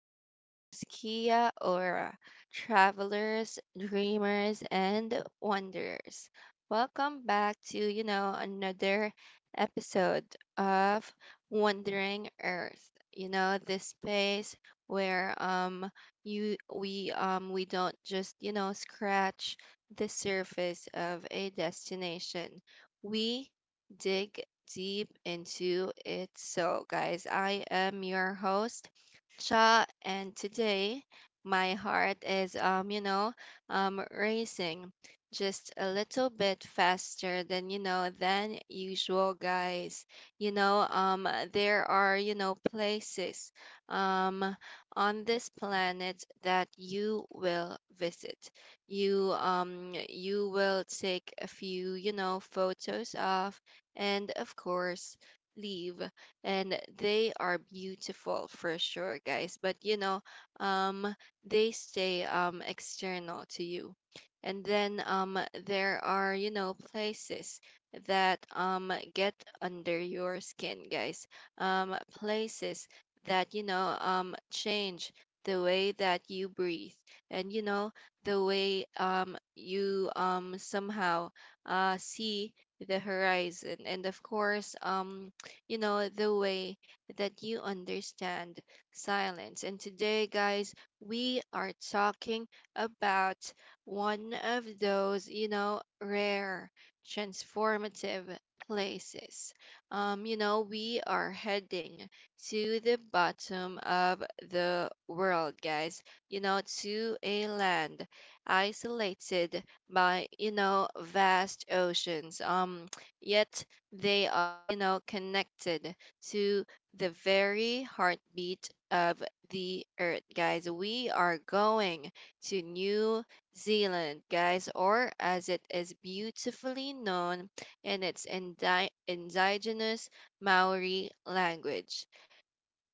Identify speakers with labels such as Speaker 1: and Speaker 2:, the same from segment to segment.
Speaker 1: listeners, Kia Ora, travelers, dreamers, and wanderers. Welcome back to another episode of Wandering Earth. This space where you we don't just, scratch the surface of a destination. We dig deep into it. So, guys, I am your host, Cha, and today my heart is, racing just a little bit faster than usual, guys. There are, places um on this planet that you will visit, you will take a few, photos of, and of course, leave. And they are beautiful for sure, guys. But um, they stay, external to you. And then, there are, places that, get under your skin, guys. Places that, change the way that you breathe, and, the way, you, somehow, see the horizon, and of course, the way that you understand silence. And today, guys, we are talking about one of those, rare, transformative places. We are heading to the bottom of the world, guys, to a land isolated by, vast oceans, yet they are, connected to the very heartbeat of the earth, guys. We are going to New Zealand, guys, or as it is beautifully known in its indigenous Maori language,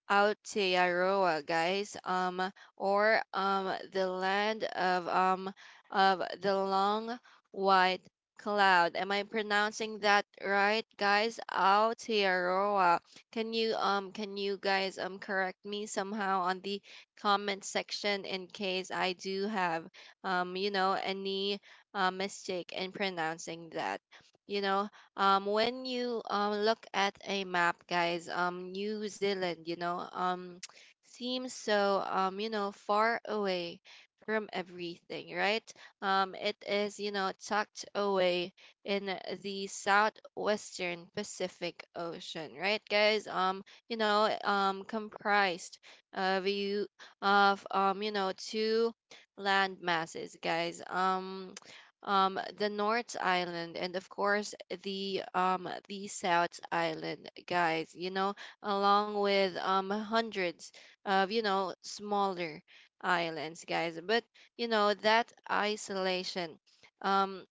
Speaker 1: Aotearoa, guys, or the land of, of the long white cloud. Am I pronouncing that right, guys? Aotearoa. Can you guys, correct me somehow on the comment section in case I do have, any, mistake in pronouncing that, you know. When you, look at a map, guys, New Zealand, seems so, far away from everything, right? It is, tucked away in the southwestern Pacific Ocean, right, guys? Comprised of you of two land masses, guys. The North Island, and of course, the South Island, guys. Along with, hundreds of, smaller islands, guys. But, that isolation Um,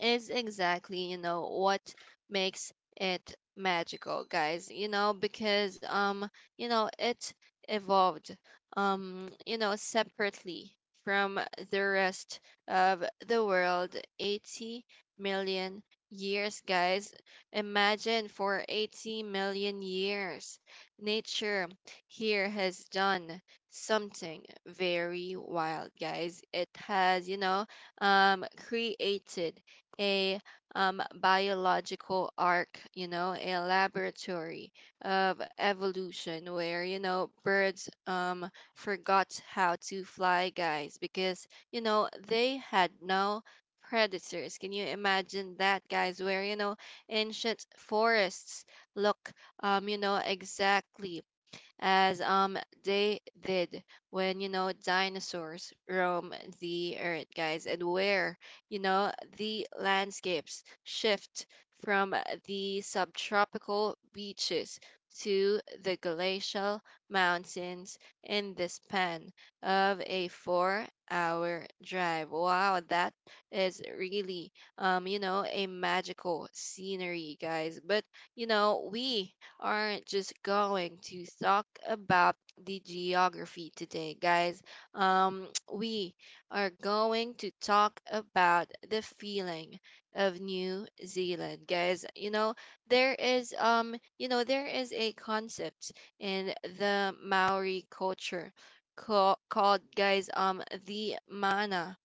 Speaker 1: is exactly, what makes it magical, guys, because it evolved, separately from the rest of the world, 80 million years, guys. Imagine, for 80 million years, nature here has done something very wild, guys. It has, created a, biological arc, a laboratory of evolution where, birds, forgot how to fly, guys, because, they had no predators. Can you imagine that, guys, where, ancient forests look, exactly as, they did when, dinosaurs roam the earth, guys, and where, you know, the landscapes shift from the subtropical beaches to the glacial mountains in the span of a 4-hour drive. Wow, that is really, a magical scenery, guys. But, we aren't just going to talk about the geography today, guys. Um, we are going to talk about the feeling of New Zealand, guys. There is, a concept in the Maori culture called, guys, the mana,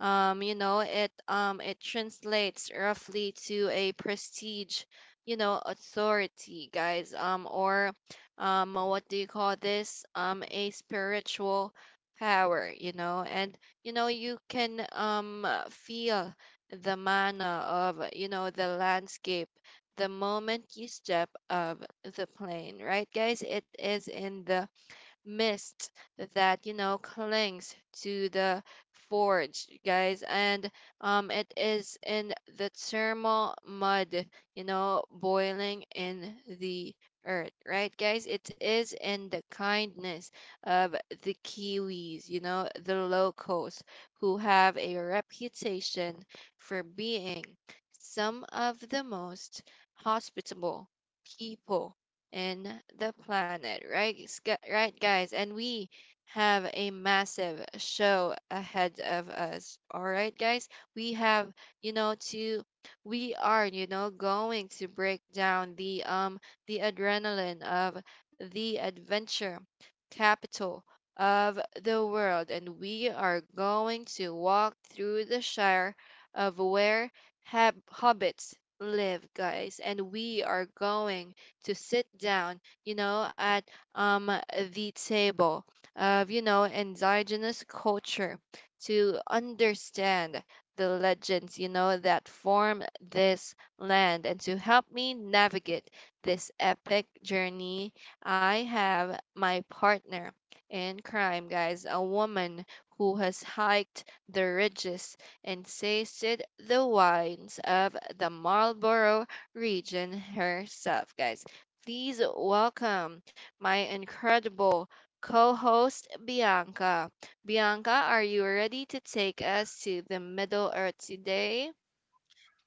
Speaker 1: it translates roughly to a prestige, authority, guys, or what do you call this, a spiritual power, and, you can, feel the manner of, the landscape the moment you step off the plane, right, guys? It is in the mist that, clings to the forge, guys, and, it is in the thermal mud, boiling in the earth, right, guys? It is in the kindness of the kiwis, the locals who have a reputation for being some of the most hospitable people in the planet, right, right, guys? And we have a massive show ahead of us. All right, guys, we have you know to we are you know going to break down the, adrenaline of the adventure capital of the world, and we are going to walk through the shire of where hobbits live, guys, and we are going to sit down, at, um, the table of, indigenous culture to understand the legends, that form this land, and to help me navigate this epic journey. I have my partner in crime, guys, a woman who has hiked the ridges and tasted the wines of the Marlborough region herself, guys. Please welcome my incredible co host, Bianca. Bianca, are you ready to take us to the Middle Earth today?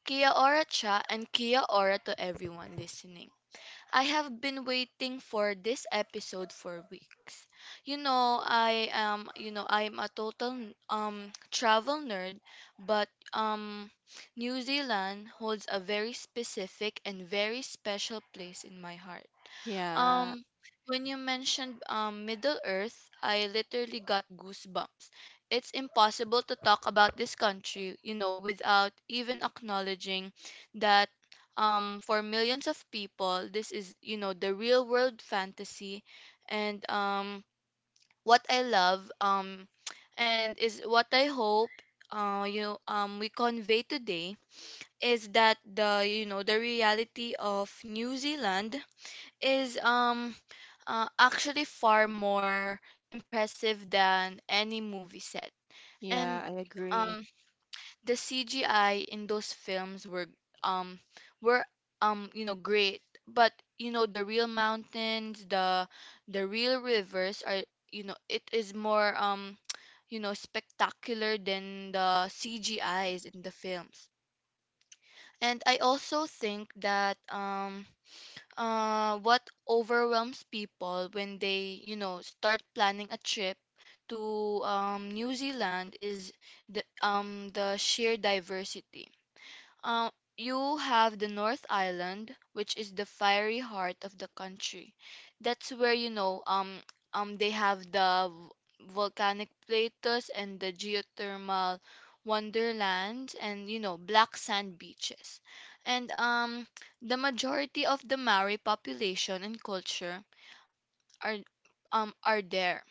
Speaker 2: Kia ora, Cha, and kia ora to everyone listening. I have been waiting for this episode for weeks. You know, I am, you know, I'm a total travel nerd, but New Zealand holds a very specific and very special place in my heart.
Speaker 1: Yeah,
Speaker 2: Um, when you mentioned Middle Earth, I literally got goosebumps. It's impossible to talk about this country, you know, without even acknowledging that for millions of people, this is, you know, the real world fantasy. And What I love, and is what I hope, we convey today is that the reality of New Zealand is actually far more impressive than any movie set.
Speaker 1: yeah,
Speaker 2: And
Speaker 1: I agree.
Speaker 2: um, the CGI in those films um were, you know, great, but you know, the real mountains, the real rivers are, you know, it is more you know, spectacular than the CGIs in the films. And I also think that what overwhelms people when they, you know, start planning a trip to, New Zealand is the sheer diversity. Um, you have the North Island, which is the fiery heart of the country. That's where, you know, they have the volcanic plateaus and the geothermal wonderland, and you know, black sand beaches. And The majority of the Maori population and culture are, are there.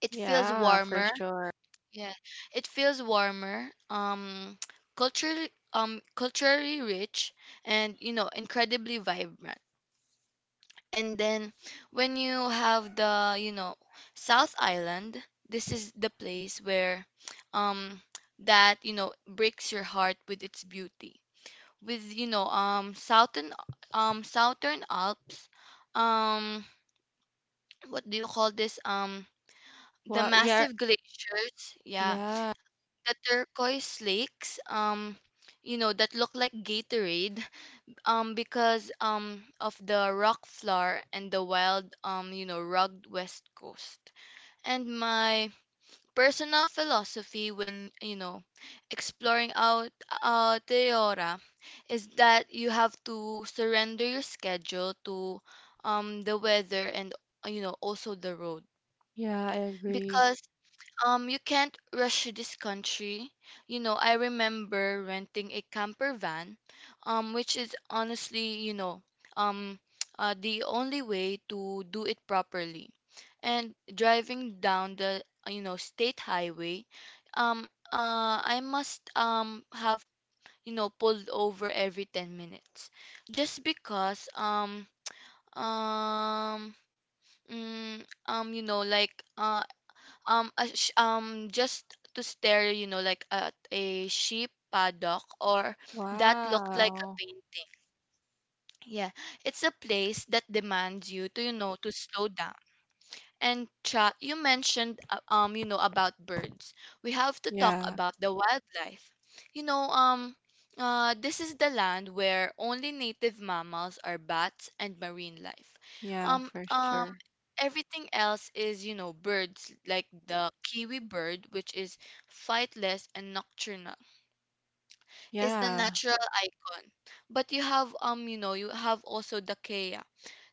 Speaker 2: It feels
Speaker 1: Yeah, for
Speaker 2: warmer,
Speaker 1: sure.
Speaker 2: yeah, it feels warmer, culturally, culturally rich, and you know, incredibly vibrant. And then when you have the, you know, South Island, this is the place where, um, that you know, breaks your heart with its beauty. With, you know, Southern Alps, um, what do you call this? The
Speaker 1: Well, yeah,
Speaker 2: massive glaciers, yeah,
Speaker 1: yeah,
Speaker 2: the turquoise lakes, you know, that look like Gatorade because, of the rock floor, and the wild, you know, rugged west coast. And my personal philosophy when, you know, exploring out Teora is that you have to surrender your schedule to the weather and, you know, also the road,
Speaker 1: yeah, I agree.
Speaker 2: because, you can't rush to this country. You know, I remember renting a camper van, which is honestly, you know, um, the only way to do it properly. And driving down the, you know, state highway, um, I must have, you know, pulled over every 10 minutes, just because um. You know, like, just to stare, you know, like at a sheep paddock or that looked like a
Speaker 1: Wow.
Speaker 2: painting, yeah. It's a place that demands you to, you know, to slow down. And Cha, you mentioned, you know, about birds. We have to talk
Speaker 1: Yeah,
Speaker 2: about the wildlife. You know, this is the land where only native mammals are bats and marine life.
Speaker 1: yeah,
Speaker 2: Um
Speaker 1: for
Speaker 2: um
Speaker 1: sure.
Speaker 2: Everything else is, you know, birds, like the kiwi bird, which is flightless and nocturnal, is the
Speaker 1: Yeah,
Speaker 2: natural icon. But you have, you know, you have also the Kea.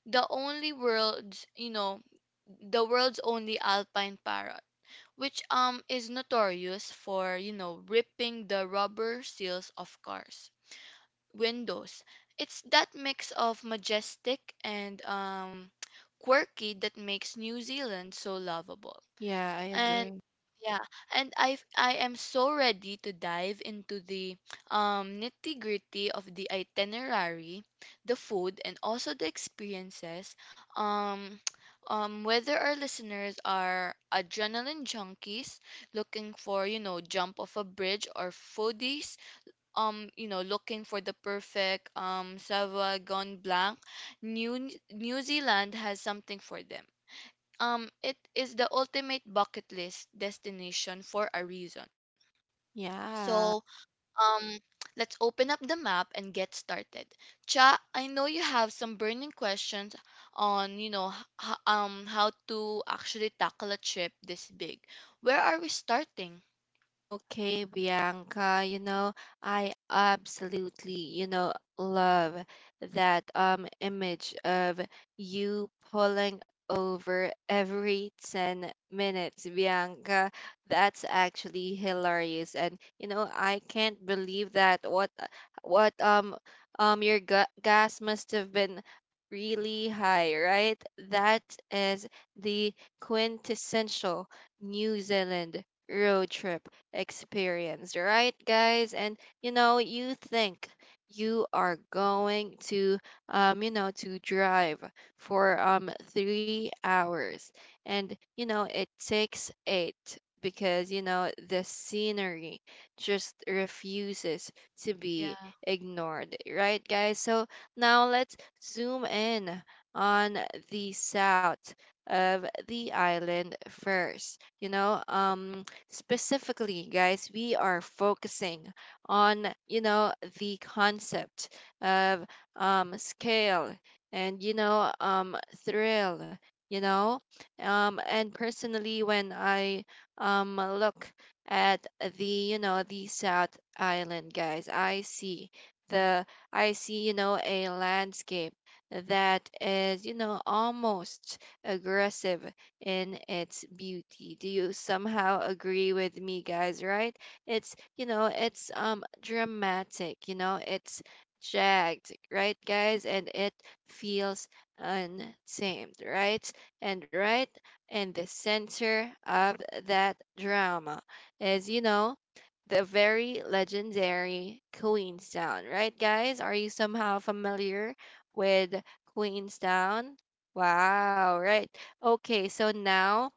Speaker 2: The only worlds you know the world's only alpine parrot, which is notorious for, you know, ripping the rubber seals of cars windows. It's that mix of majestic and quirky that makes New Zealand so lovable.
Speaker 1: yeah, I
Speaker 2: And
Speaker 1: agree.
Speaker 2: yeah, and I am so ready to dive into the, nitty-gritty of the itinerary, the food, and also the experiences. Um, whether our listeners are adrenaline junkies looking for, you know, jump off a bridge, or foodies, you know, looking for the perfect Sauvignon Blanc, New Zealand has something for them. It is the ultimate bucket list destination for a reason. So,
Speaker 1: Yeah.
Speaker 2: um let's open up the map and get started. Cha, I know you have some burning questions on, you know, how to actually tackle a trip this big. Where are we starting?
Speaker 1: Okay, Bianca, I absolutely, love that, image of you pulling over every 10 minutes, Bianca. That's actually hilarious. And, I can't believe that what your gas must have been really high, right? That is the quintessential New Zealand road trip experienced, right, guys? And, you think you are going to drive for, 3 hours, and, it takes eight because, the scenery just refuses to be
Speaker 2: Yeah.
Speaker 1: ignored, right, guys? So now let's zoom in on the south of the island first. Specifically, guys, we are focusing on, the concept of, scale, and, thrill, you know. And personally, when I, look at the South Island, guys, I see the, I see, you know, a landscape that is, almost aggressive in its beauty. Do you somehow agree with me, guys? Right? It's dramatic. It's jagged, right, guys? And it feels untamed, right? And right in the center of that drama is, the very legendary Queenstown, right, guys? Are you somehow familiar with Queenstown? Wow, right. Okay, so now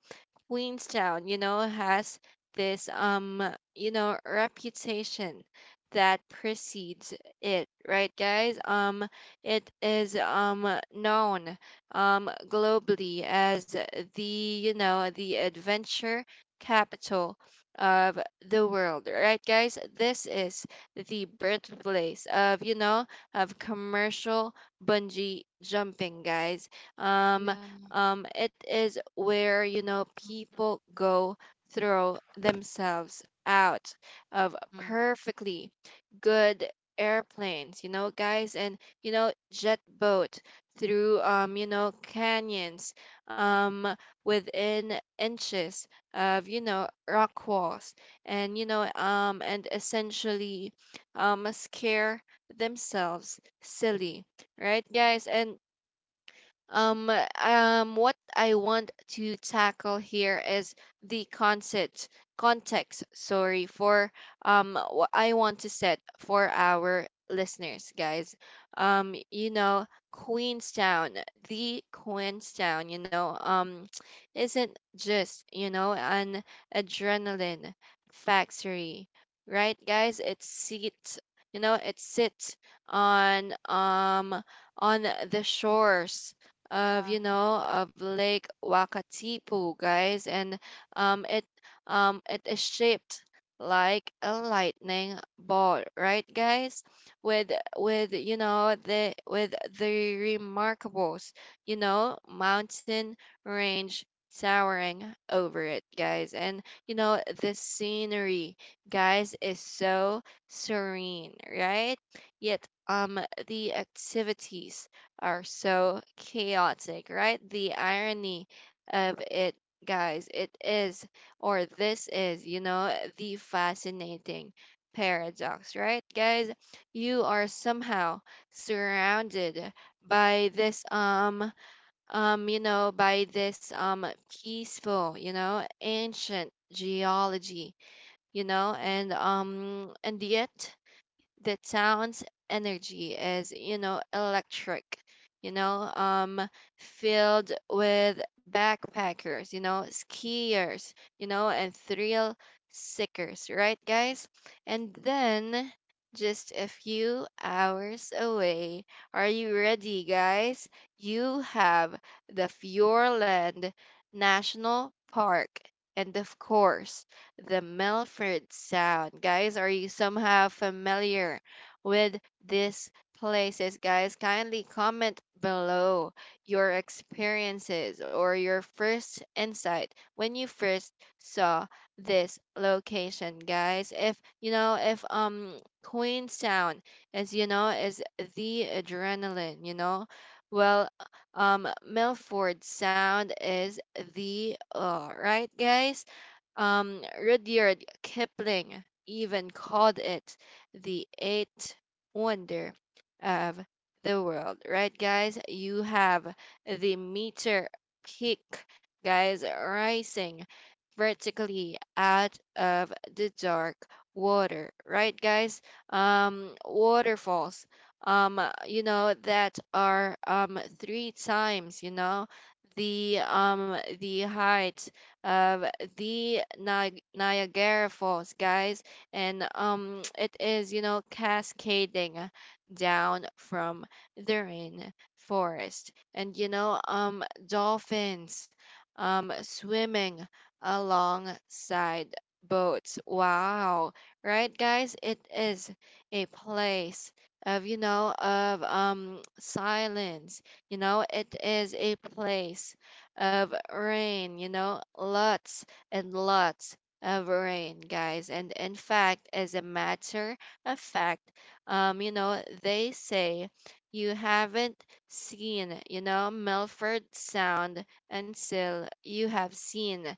Speaker 1: Queenstown, has this, reputation that precedes it, right, guys? It is, known, globally as the adventure capital of the world, right, guys? This is the birthplace of commercial bungee jumping, guys. Um,
Speaker 2: Yeah.
Speaker 1: it is where, people go throw themselves out of
Speaker 2: Mm.
Speaker 1: perfectly good airplanes, guys, and, jet boat through, canyons, um, within inches of, rock walls, and essentially, scare themselves silly, right, guys? And, um, what I want to tackle here is the concept context, sorry, for, what I want to set for our listeners, guys. Um, you know, Queenstown, the Queenstown, you know, um isn't just, an adrenaline factory, right, guys? It sits on um on the shores of you know of Lake Wakatipu, guys, and, um it it is shaped like a lightning bolt, right, guys? With the remarkables, mountain range towering over it, guys, and, the scenery, guys, is so serene, right? Yet, the activities are so chaotic, right? The irony of it, guys, it is, or this is, the fascinating paradox, right, guys? You are somehow surrounded by this you know by this peaceful, ancient geology, and yet the town's energy is, electric, you know um filled with backpackers, skiers, and thrill seekers, right, guys? And then just a few hours away, are you ready, guys? You have the Fjordland National Park, and of course, the Milford Sound. Guys, are you somehow familiar with these places? Guys, kindly comment below your experiences, or your first insight when you first saw this location, guys. If Queenstown is the adrenaline. Well, Milford Sound is the, right, guys, Rudyard Kipling even called it the eighth wonder of the world, right, guys? You have the meter peak, guys, rising vertically out of the dark water, right, guys? Waterfalls, um, that are, three times, the height of the Niagara Falls, guys, and, it is, cascading down from the rain forest, and, dolphins, swimming alongside boats. Wow, right, guys? It is a place of silence. It is a place of rain, lots and lots of rain, guys. And in fact, as a matter of fact, they say you haven't seen Milford Sound until you have seen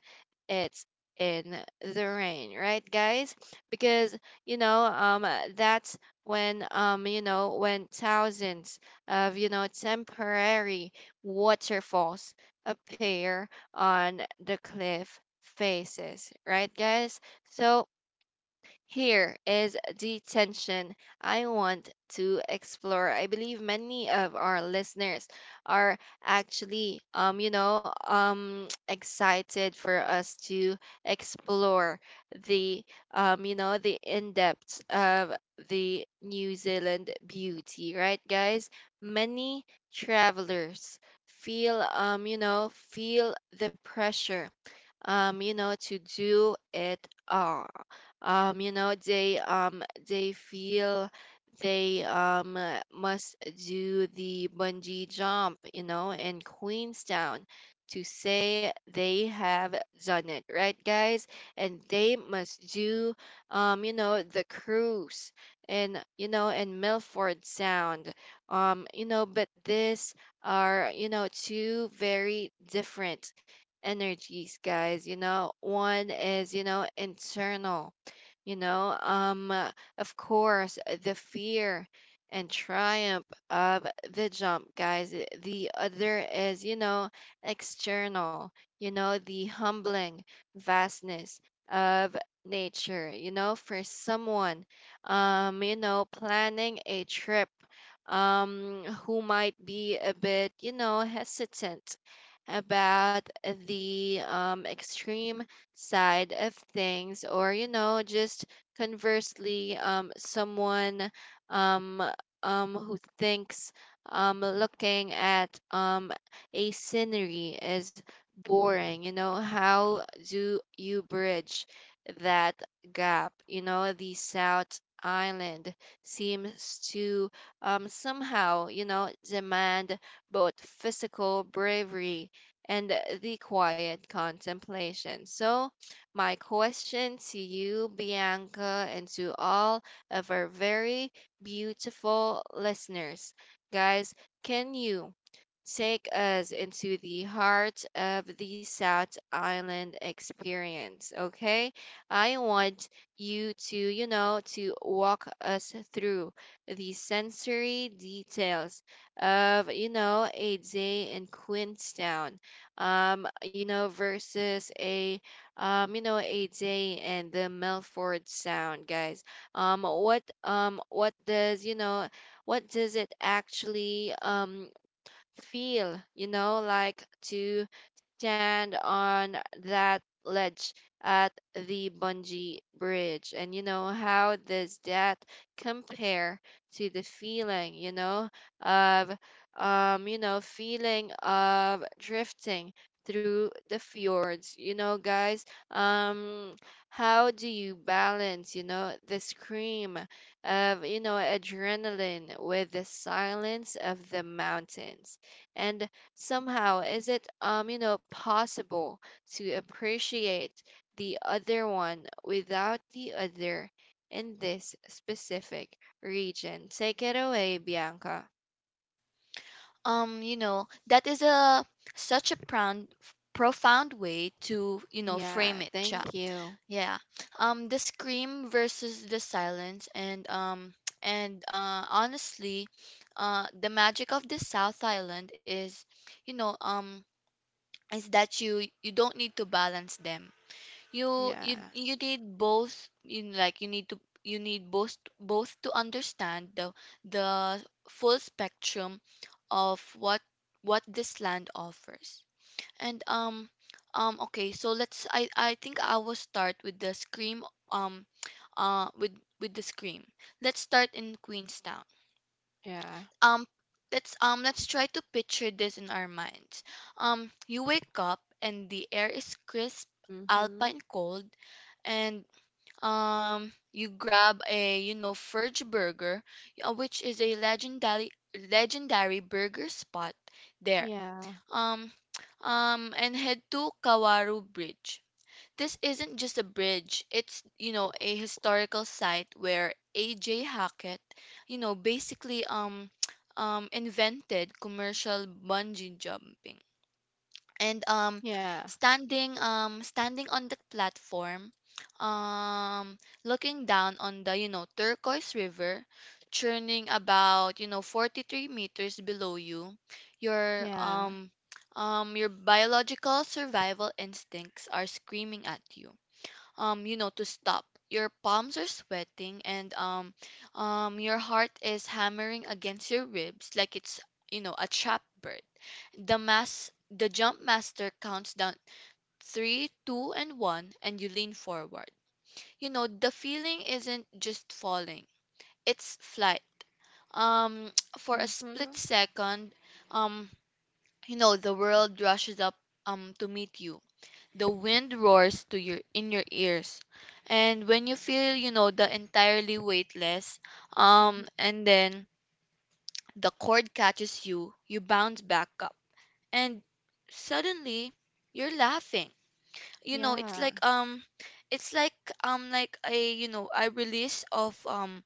Speaker 1: it's in the rain, right, guys? Because you know um that's when thousands of temporary waterfalls appear on the cliff faces, right, guys? So here is the tension I want to explore. I believe many of our listeners are excited for us to explore the, the in depth of the New Zealand beauty, right, guys? Many travelers feel the pressure, to do it all. They feel they must do the bungee jump, you know, in Queenstown, to say they have done it, right, guys? And they must do the cruise, and Milford Sound. But this are, you know, two very different energies, guys. You know, one is, you know, internal, you know um uh, of course. The fear and triumph of the jump, guys. The other is, you know, external, you know, the humbling vastness of nature. You know, for someone planning a trip, who might be a bit, you know, hesitant about the extreme side of things. Or, you know, just conversely, someone um who thinks, looking at a scenery is boring. You know, how do you bridge that gap? You know, the South Island seems to somehow, you know, demand both physical bravery and the quiet contemplation. So my question to you, Bianca, and to all of our very beautiful listeners. Guys, can you take us into the heart of the South Island experience, okay? I want you to walk us through the sensory details of, you know, a day in Queenstown, versus a AJ and the Milford Sound, guys. What does, it actually feel, you know, like to stand on that ledge at the bungee bridge? And, you know, how does that compare to the feeling, you know, of feeling of drifting through the fjords, you know, guys? um how do you balance, you know, the scream of, you know, adrenaline with the silence of the mountains? And somehow, is it you know, possible to appreciate the other one without the other in this specific region? Take it away, Bianca.
Speaker 2: You know, that is a such a profound way to, you know,
Speaker 1: Yeah,
Speaker 2: frame it, Cha.
Speaker 1: thank you.
Speaker 2: Yeah. The scream versus the silence, and and honestly, the magic of the South Island is, you know, is that you don't need to balance them. You
Speaker 1: Yeah.
Speaker 2: you need both you know, like, you need to, you need both to understand the full spectrum of what this land offers. And Okay, so let's, I think I will start with the scream. Um uh with with the scream. Let's start in Queenstown.
Speaker 1: Yeah.
Speaker 2: Um let's let's try to picture this in our minds. You wake up and the air is crisp,
Speaker 1: Mhm.
Speaker 2: alpine cold, and you grab a, you know, Furge Burger, which is a legendary burger spot there.
Speaker 1: Yeah.
Speaker 2: Um and head to Kawaru Bridge. This isn't just a bridge, it's, you know, a historical site where A.J. Hackett, you know, basically invented commercial bungee jumping. And
Speaker 1: Yeah.
Speaker 2: Standing on that platform, um looking down on the, you know, turquoise river, churning about, you know, 43 meters below you, your
Speaker 1: Yeah.
Speaker 2: um your biological survival instincts are screaming at you, you know, to stop. Your palms are sweating, and your heart is hammering against your ribs like it's, you know, a trapped bird. The jump master counts down three, two, and one, and you lean forward. You know, the feeling isn't just falling, it's flight. Um, for a split
Speaker 1: Mhm.
Speaker 2: second, um, you know, the world rushes up to meet you, the wind roars to your, in your ears, and when you feel, you know, the entirely weightless,
Speaker 1: Mhm.
Speaker 2: and then the cord catches you, you bounce back up, and suddenly you're laughing. You know, it's
Speaker 1: Yeah.
Speaker 2: like it's like like a, you know, a release of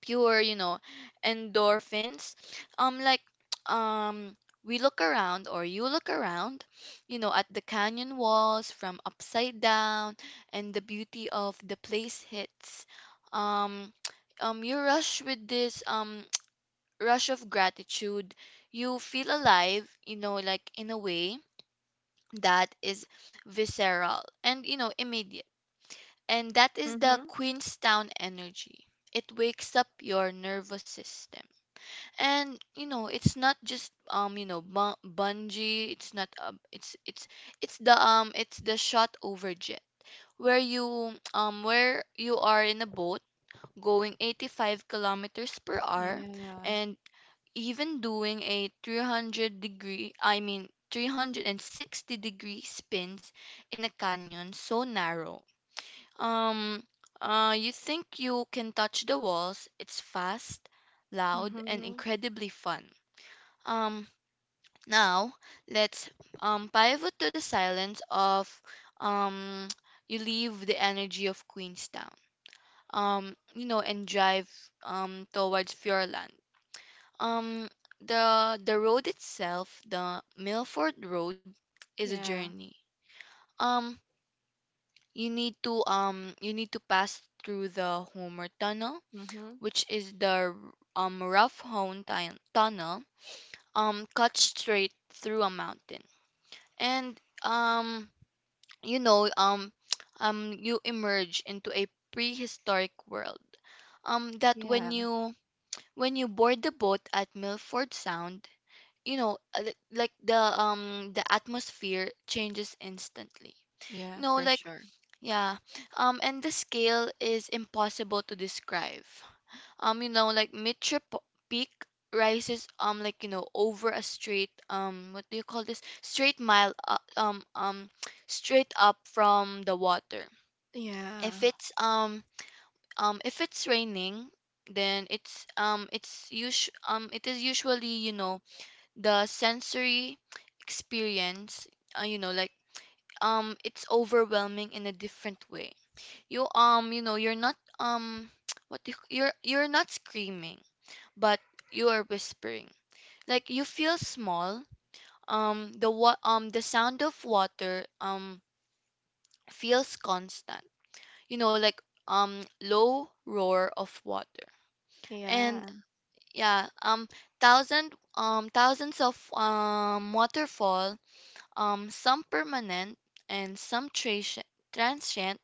Speaker 2: pure, you know, endorphins. Like, um, we look around, or you look around, you know, at the canyon walls from upside down, and the beauty of the place hits. Um, you rush with this rush of gratitude. You feel alive, you know, like, in a way that is visceral and, you know, immediate. And that is the
Speaker 1: Mhm.
Speaker 2: Queenstown energy. It wakes up your nervous system. And you know, it's not just, you know, bungee, it's not, it's the it's the shot over jet, where you are in a boat going 85 kilometers per hour,
Speaker 1: Yeah.
Speaker 2: and even doing a 300 degree I mean 360 degree spins in a canyon so narrow um you think you can touch the walls. It's fast, loud, and
Speaker 1: Mhm.
Speaker 2: incredibly fun. Um, now let's pivot to the silence of um you leave the energy of Queenstown. You know, and drive towards Fjordland. Um, the road itself, the Milford Road, is a
Speaker 1: Yeah.
Speaker 2: journey. Um, you need to, you need to pass through the Homer Tunnel,
Speaker 1: Mhm.
Speaker 2: which is the rough hewn tunnel cut straight through a mountain. And you know you emerge into a prehistoric world, that
Speaker 1: Yeah.
Speaker 2: when you board the boat at Milford Sound, you know, like the atmosphere changes instantly.
Speaker 1: Yeah,
Speaker 2: You know,
Speaker 1: for
Speaker 2: like,
Speaker 1: sure.
Speaker 2: yeah, and the scale is impossible to describe. You know, like, mid trip peak rises, like, you know, over a straight, what do you call this, straight mile, straight up from the water.
Speaker 1: Yeah.
Speaker 2: If it's um um if it's raining, then it's, it is usually, you know, the sensory experience, you know, like, it's overwhelming in a different way. You know, you're not, what do you, you're not screaming, but you are whispering. Like, you feel small. The sound of water feels constant. You know, like, low roar of water. And
Speaker 1: Yeah.
Speaker 2: yeah, thousands of waterfall, some permanent and some transient,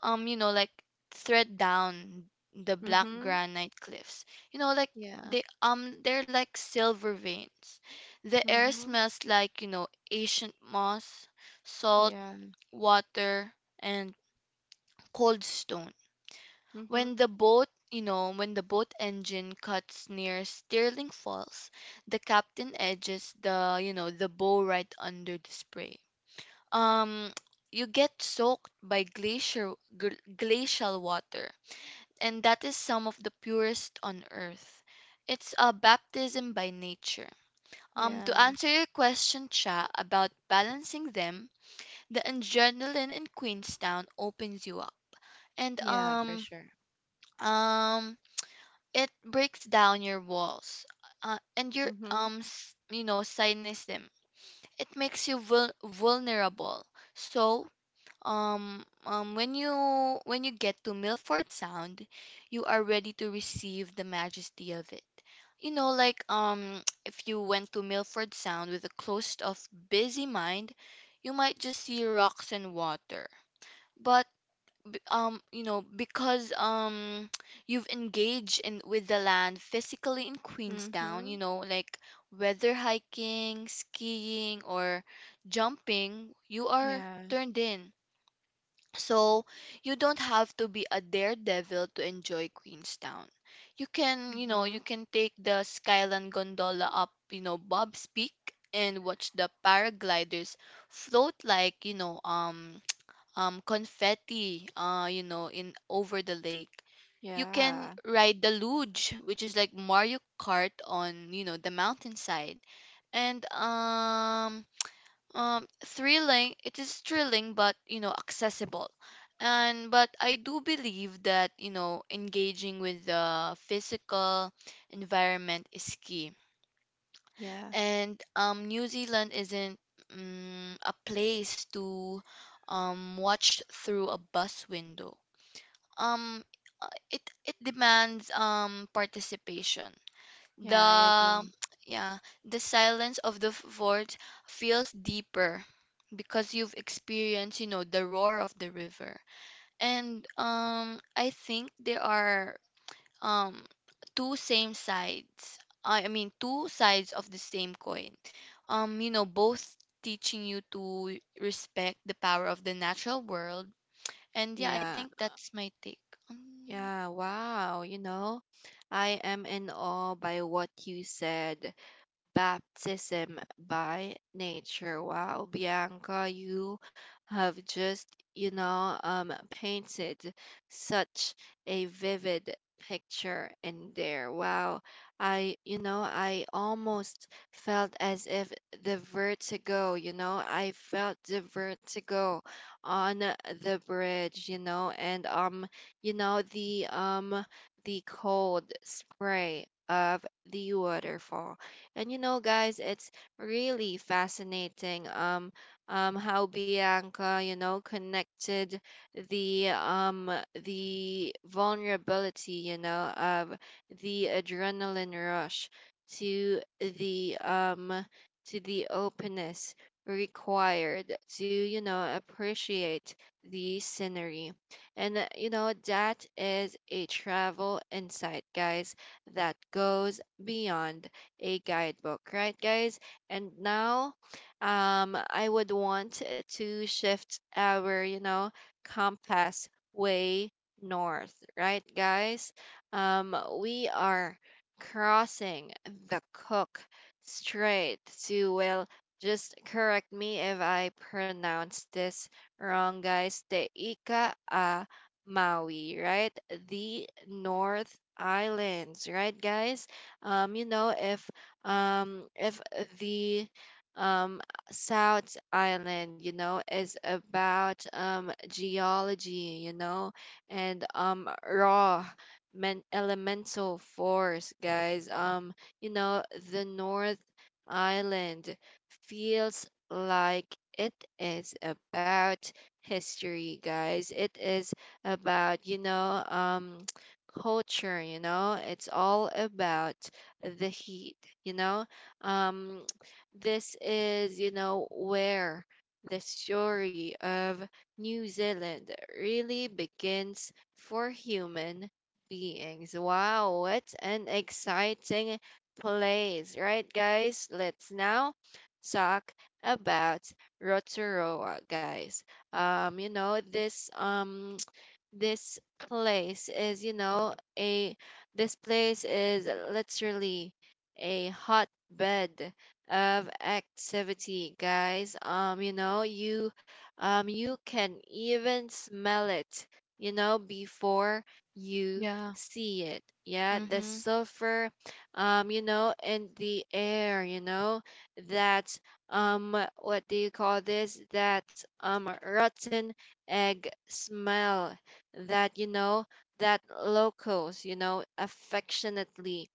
Speaker 2: you know, like, thread down the black
Speaker 1: Mm-hmm.
Speaker 2: granite cliffs. You know, like,
Speaker 1: Yeah.
Speaker 2: they're like silver veins. The air
Speaker 1: Mhm.
Speaker 2: smells like, you know, ancient moss, salt,
Speaker 1: Yeah.
Speaker 2: water, and cold stone. When
Speaker 1: Mhm.
Speaker 2: the boat, you know, when the boat engine cuts near Stirling Falls, the captain edges the, you know, the bow right under the spray. Um, you get soaked by glacial water, and that is some of the purest on earth. It's a baptism by nature. To
Speaker 1: Yeah.
Speaker 2: answer your question, Cha, about balancing them, the adrenaline in Queenstown opens you up, and
Speaker 1: Yeah, for sure.
Speaker 2: um, it breaks down your walls, and your,
Speaker 1: Mhm.
Speaker 2: you know, cynicism. It makes you vulnerable. So when you get to Milford Sound, you are ready to receive the majesty of it. You know, like if you went to Milford Sound with a closed-off, busy mind, you might just see rocks and water. But you know, because you've engaged in with the land physically in Queenstown, you
Speaker 1: Mhm.
Speaker 2: know, like whether hiking, skiing, or jumping, you are
Speaker 1: Yeah.
Speaker 2: turned in, so you don't have to be a daredevil to enjoy Queenstown. You can, you know, you
Speaker 1: Mhm.
Speaker 2: can take the Skyline gondola up, you know, Bob's Peak, and watch the paragliders float like, you know, confetti, you know, in over the lake. You can
Speaker 1: Yeah.
Speaker 2: ride the luge, which is like Mario Kart on, you know, the mountainside. And thrilling, it is thrilling, but you know, accessible. And but I do believe that, you know, engaging with the physical environment is key.
Speaker 1: Yeah.
Speaker 2: And New Zealand isn't a place to watch through a bus window. um it demands participation.
Speaker 1: Yeah, I
Speaker 2: the
Speaker 1: agree.
Speaker 2: yeah, the silence of the fort feels deeper because you've experienced, you know, the roar of the river. And I think there are um two same sides. I mean two sides of the same coin. You know, both teaching you to respect the power of the natural world. And yeah, I
Speaker 1: Yeah.
Speaker 2: think that's my take. Um,
Speaker 1: Yeah, wow. You know, I am in awe by what you said. Baptism by nature. Wow, Bianca, you have painted such a vivid picture in there. Wow, I almost felt as if the vertigo, you know, I felt the vertigo on the bridge. You know, and, you know, the, The cold spray of the waterfall. And you know, guys, it's really fascinating, how Bianca, you know, connected the vulnerability, you know, of the adrenaline rush to the um, to the openness required to, you know, appreciate the scenery. And you know, that is a travel insight, guys, that goes beyond a guidebook, right, guys? And now, I would want to shift our, you know, compass way north, right, guys? We are crossing the Cook Strait to, well, just correct me if I pronounce this wrong, guys. The Ika a Maui, right? The North Islands, right, guys? Um, you know, if if the um South Island, you know, is about geology, you know, and raw men elemental force, guys. You know, the North Island feels like it is about history, guys. It is about, you know, culture. You know, it's all about the heat. you know um this is, you know, where the story of New Zealand really begins for human beings. Wow, what an exciting place, right, guys? Let's now talk about Rotorua, guys. um you know this um this place is, you know a this place is literally a hotbed of activity, guys. You can even smell it, you know, before you
Speaker 2: yeah.
Speaker 1: see it. Yeah, the
Speaker 2: Mhm.
Speaker 1: sulfur you know, in the air. You know, that what do you call this, that rotten egg smell that, you know, that locals, you know, affectionately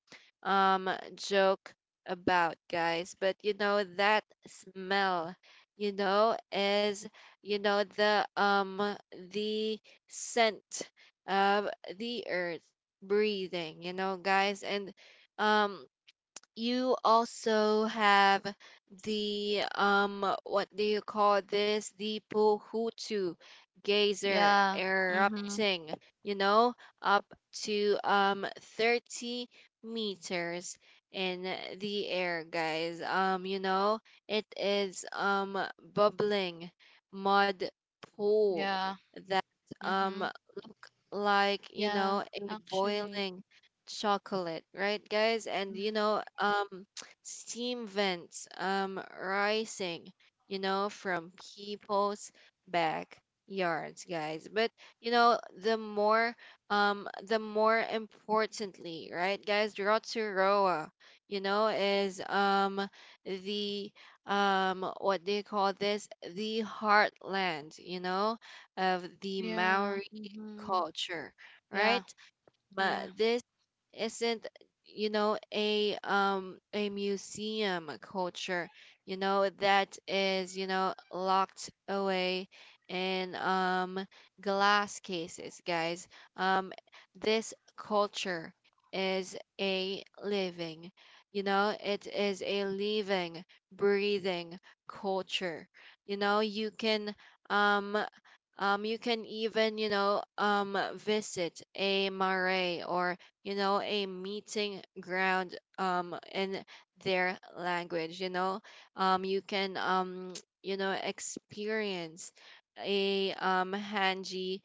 Speaker 1: um joke about, guys. But you know, that smell, you know, is, you know, the the scent of the earth breathing, you know, guys. And um you also have the what do you call this, the Pohutu geyser
Speaker 2: Yeah. Mhm.
Speaker 1: erupting, you know, up to 30 meters in the air, guys. You know, it is bubbling mud pool
Speaker 2: Yeah.
Speaker 1: that
Speaker 2: Mhm.
Speaker 1: look like, you
Speaker 2: Yeah,
Speaker 1: know, a
Speaker 2: actually.
Speaker 1: boiling chocolate, right, guys? And you
Speaker 2: hmm
Speaker 1: know, steam vents rising, you know, from people's backyards, guys. But you know, the more importantly, right, guys, Rotorua, you know, is the what do you call this? The heartland, you know, of the
Speaker 2: Yeah.
Speaker 1: Maori culture,
Speaker 2: Yeah.
Speaker 1: right?
Speaker 2: Yeah.
Speaker 1: But this isn't, you know, a museum culture, you know, that is, you know, locked away in glass cases, guys. um this culture is a living, you know it is a living, breathing culture. You know, um you can even, you know, visit a mare, or, you know, a meeting ground, in their language. You know, you can, you know, experience a hanji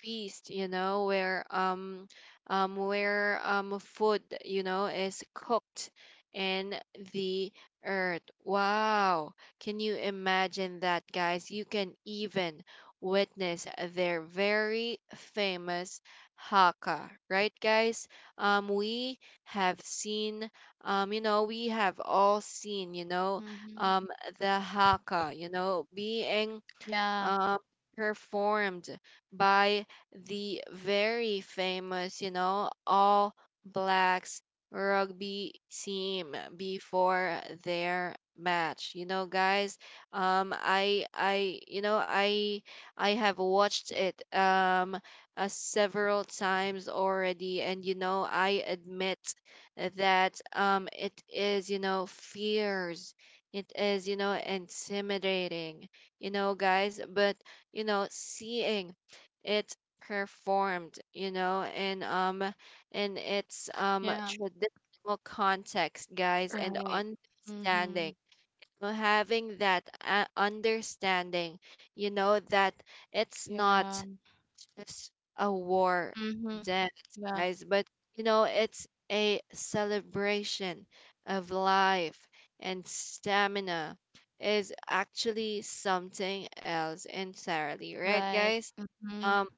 Speaker 1: feast. You know, where food, you know, is cooked in the earth. Wow! Can you imagine that, guys? You can even witness their very famous haka, right, guys? We have seen, we have all seen, you know,
Speaker 2: hmm
Speaker 1: um, the haka, you know, being
Speaker 2: Yeah.
Speaker 1: uh, performed by the very famous, you know, All Blacks rugby team before their match. You know, guys, I, you know, I have watched it several times already, and you know, I admit that it is, you know, fears. It is, you know, intimidating, you know, guys. But, you know, seeing it performed, you know, in its
Speaker 2: Yeah.
Speaker 1: traditional context, guys, and
Speaker 2: Right. hmm
Speaker 1: understanding. You Having that understanding, you know, that it's
Speaker 2: Yeah.
Speaker 1: not just a war
Speaker 2: hmm
Speaker 1: dance,
Speaker 2: Yeah.
Speaker 1: guys, but you know, it's a celebration of life and stamina is actually something else entirely, right,
Speaker 2: Right.
Speaker 1: guys?
Speaker 2: hmm
Speaker 1: Um,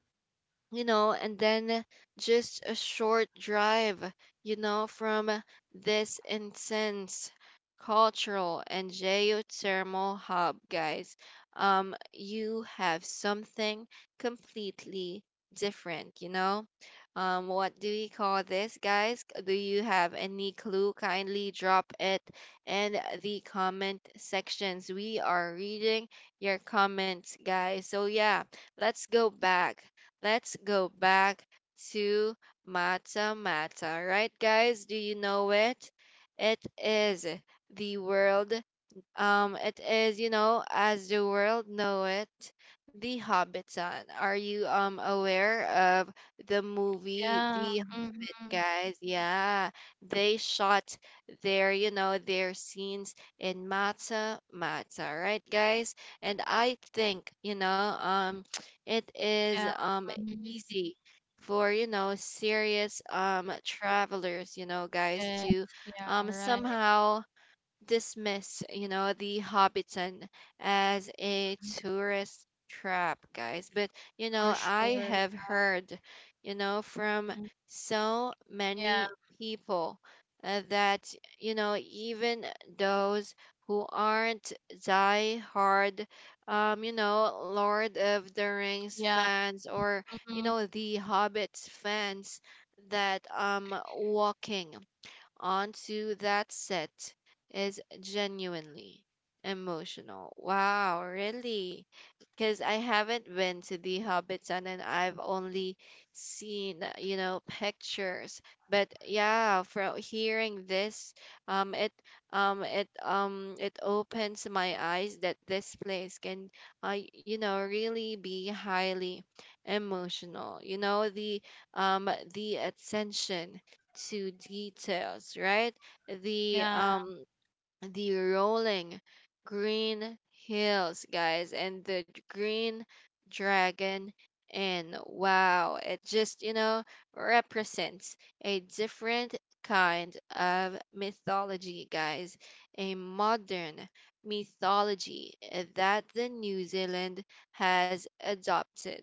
Speaker 1: you know, and then just a short drive, you know, from this intense cultural and geothermal hub, guys. You have something completely different, you know. What do you call this, guys? Do you have any clue? Kindly drop it in the comment sections. We are reading your comments, guys. So yeah, let's go back let's go back to Mata Mata. Right, guys? Do you know it? It is the world it is, you know, as the world know it, The Hobbiton. Are you aware of the movie
Speaker 2: Yeah.
Speaker 1: The Hobbit,
Speaker 2: hmm
Speaker 1: guys? Yeah, they shot their, you know, their scenes in Mata Mata, right, guys? And I think, you know, it is
Speaker 2: Yeah. hmm
Speaker 1: easy for, you know, serious travelers, you know, guys,
Speaker 2: Yes.
Speaker 1: to
Speaker 2: Yeah. Right.
Speaker 1: somehow dismiss, you know, the Hobbiton as a tourist trap, guys. But, you know,
Speaker 2: For
Speaker 1: I
Speaker 2: sure.
Speaker 1: have
Speaker 2: Yeah.
Speaker 1: heard, you know, from
Speaker 2: Mhm.
Speaker 1: so
Speaker 2: Yeah.
Speaker 1: many people that, you know, even those who aren't die hard, you know, Lord of the Rings
Speaker 2: Yeah.
Speaker 1: fans, or, you
Speaker 2: hmm
Speaker 1: know, the Hobbit fans, that walking onto that set is genuinely emotional. Wow, really? Because I haven't been to the Hobbiton and I've only seen, you know, pictures. But yeah, from hearing this, um, it, it opens my eyes that this place can, you know, really be highly emotional. You know, um, the attention to details, right? The
Speaker 2: Yeah.
Speaker 1: um, the rolling green hills, guys, and the green dragon. And wow, it just, you know, represents a different kind of mythology, guys, a modern mythology, that the New Zealand has adopted.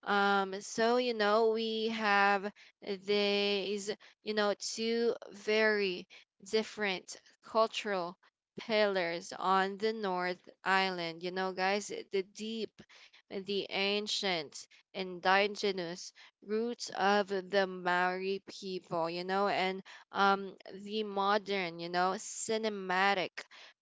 Speaker 1: So, you know, we have these, you know, two very different cultural pillars on the North Island. You know, guys, the deep, the ancient, indigenous roots of the Maori people, you know, and um, the modern, you know, cinematic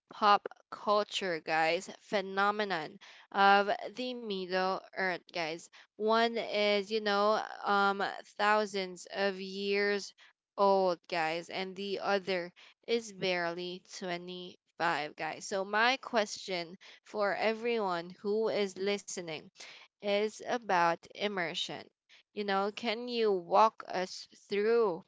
Speaker 1: pop culture, guys, phenomenon of the Middle Earth, guys. One is, you know, thousands of years old, guys, and the other is barely 25, guys. So, my question for everyone who is listening is about immersion. You know, can you walk us through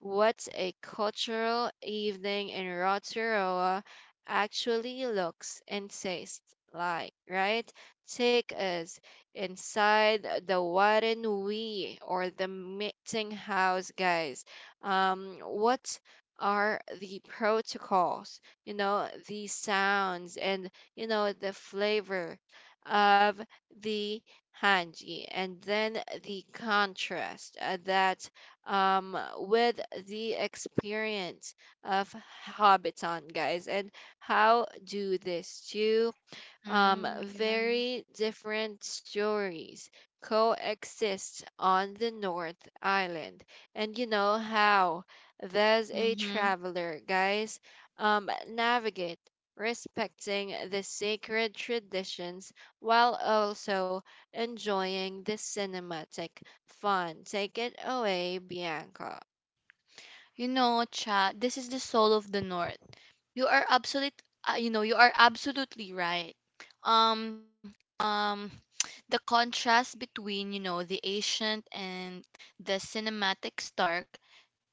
Speaker 1: what a cultural evening in Rotorua actually looks and tastes like, right? Take us inside the Warenui or the meeting house, guys. What are the protocols? The sounds and the flavor of the hanji, and then the contrast that with the experience of Hobbiton, guys, and how do this too um,
Speaker 2: Yeah.
Speaker 1: very different stories coexist on the North Island. And you know how there's a
Speaker 2: hmm
Speaker 1: traveler, guys, navigate respecting the sacred traditions while also enjoying the cinematic fun. Take it away, Bianca.
Speaker 2: You know, chat, this is the soul of the North. You are absolute, you know, you are absolutely right. Um, um, the contrast between, you know, the ancient and the cinematic Stark,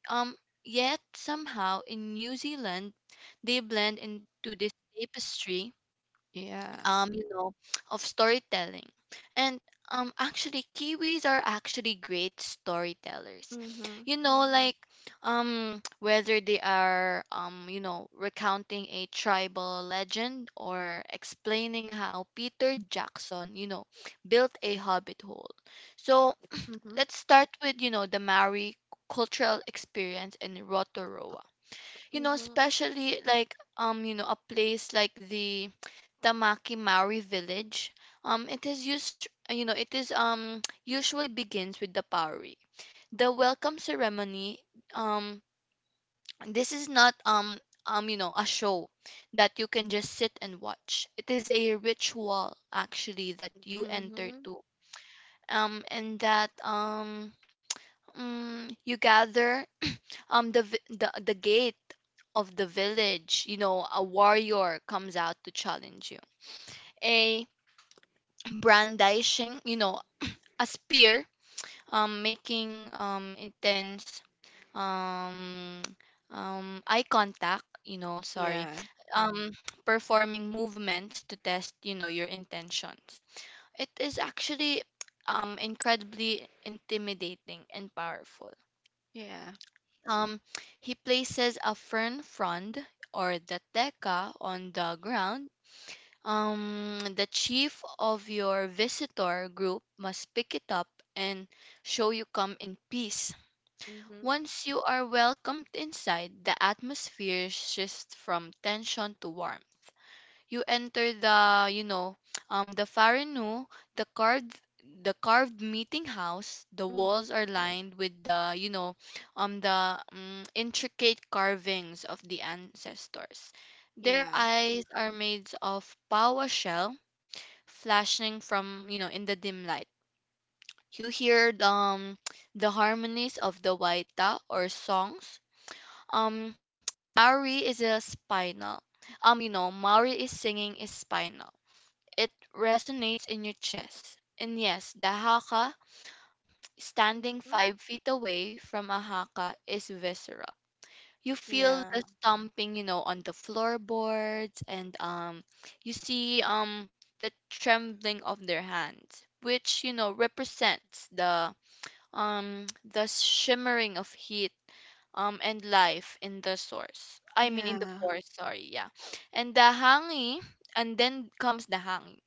Speaker 2: um, yet somehow in New Zealand, they blend into this tapestry,
Speaker 1: Yeah.
Speaker 2: you know, of storytelling. And actually, Kiwis are actually great storytellers.
Speaker 1: Mm-hmm.
Speaker 2: You know, like whether they are you know, recounting a tribal legend or explaining how Peter Jackson, you know, built a hobbit hole. So
Speaker 1: Mm-hmm.
Speaker 2: let's start with, you know, the Maori cultural experience in Rotorua, you know,
Speaker 1: Mm-hmm.
Speaker 2: especially like, you know, a place like the Tamaki Maori village. It is used, you know, it is usually begins with the pauri. The welcome ceremony, um, this is not you know, a show that you can just sit and watch. It is a ritual actually that you enter
Speaker 1: Mm-hmm.
Speaker 2: to. And that you gather the gate of the village, you know, a warrior comes out to challenge you. A brandishing, you know, a spear, making intense um eye contact, you know, sorry,
Speaker 1: Yeah.
Speaker 2: um performing movements to test, you know, your intentions. It is actually incredibly intimidating and powerful.
Speaker 1: Yeah.
Speaker 2: Um, he places a fern frond or the teka on the ground. The chief of your visitor group must pick it up and show you come in peace.
Speaker 1: Mm-hmm.
Speaker 2: Once you are welcomed inside, the atmosphere shifts from tension to warmth. You enter the, you know, the farinu, the carved the carved meeting house. The
Speaker 1: Mm-hmm.
Speaker 2: walls are lined with the, you know, the intricate carvings of the ancestors. Their
Speaker 1: Yeah.
Speaker 2: eyes are made of power shell, flashing from, you know, in the dim light. You hear the harmonies of the waita or songs. um Maori is a spinal Maori is singing is spinal. It resonates in your chest. And yes, the haka, standing
Speaker 1: Mhm.
Speaker 2: 5 feet away from a haka, is visceral. You feel the
Speaker 1: Yeah.
Speaker 2: stomping, you know, on the floorboards, and you see the trembling of their hands, which you know represents the shimmering of heat and life in the source. I mean, in the
Speaker 1: Yeah.
Speaker 2: forest. Sorry, yeah. And the hangi, and then comes the hangi.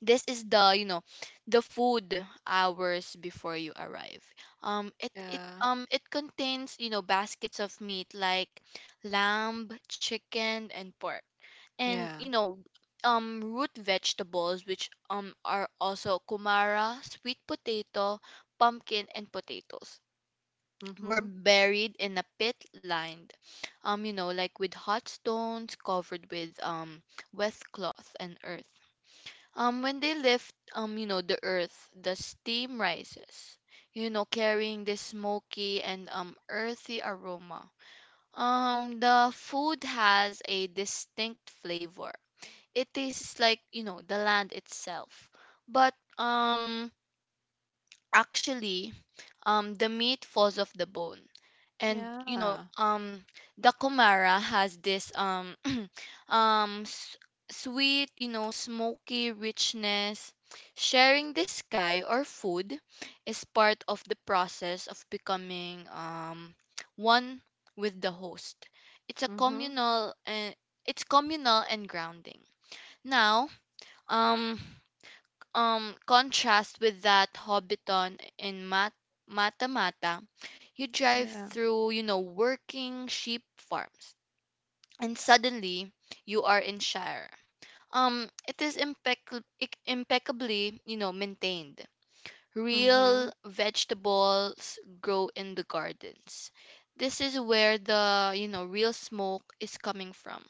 Speaker 2: This is the, you know, the food. Hours before you arrive,
Speaker 1: Yeah.
Speaker 2: it contains, you know, baskets of meat like lamb, chicken, and pork, and
Speaker 1: Yeah.
Speaker 2: you know, root vegetables, which are also kumara, sweet potato, pumpkin, and potatoes, were
Speaker 1: Mhm.
Speaker 2: buried in a pit lined, you know, like with hot stones covered with wet cloth and earth. When they lift, you know, the earth, the steam rises, you know, carrying this smoky and earthy aroma. The food has a distinct flavor. It tastes like, you know, the land itself. But actually, the meat falls off the bone, and you know,
Speaker 1: Yeah.
Speaker 2: the kumara has this um s- sweet, you know, smoky richness. Sharing the sky or food is part of the process of becoming one with the host. it's a
Speaker 1: Mhm.
Speaker 2: communal and it's communal and grounding. Now, um contrast with that Hobbiton in Mata Mata, you drive
Speaker 1: Yeah.
Speaker 2: through, you know, working sheep farms, and suddenly you are in Shire. It is impeccably, you know, maintained.
Speaker 1: Mhm.
Speaker 2: Real vegetables grow in the gardens. This is where the, you know, real smoke is coming from.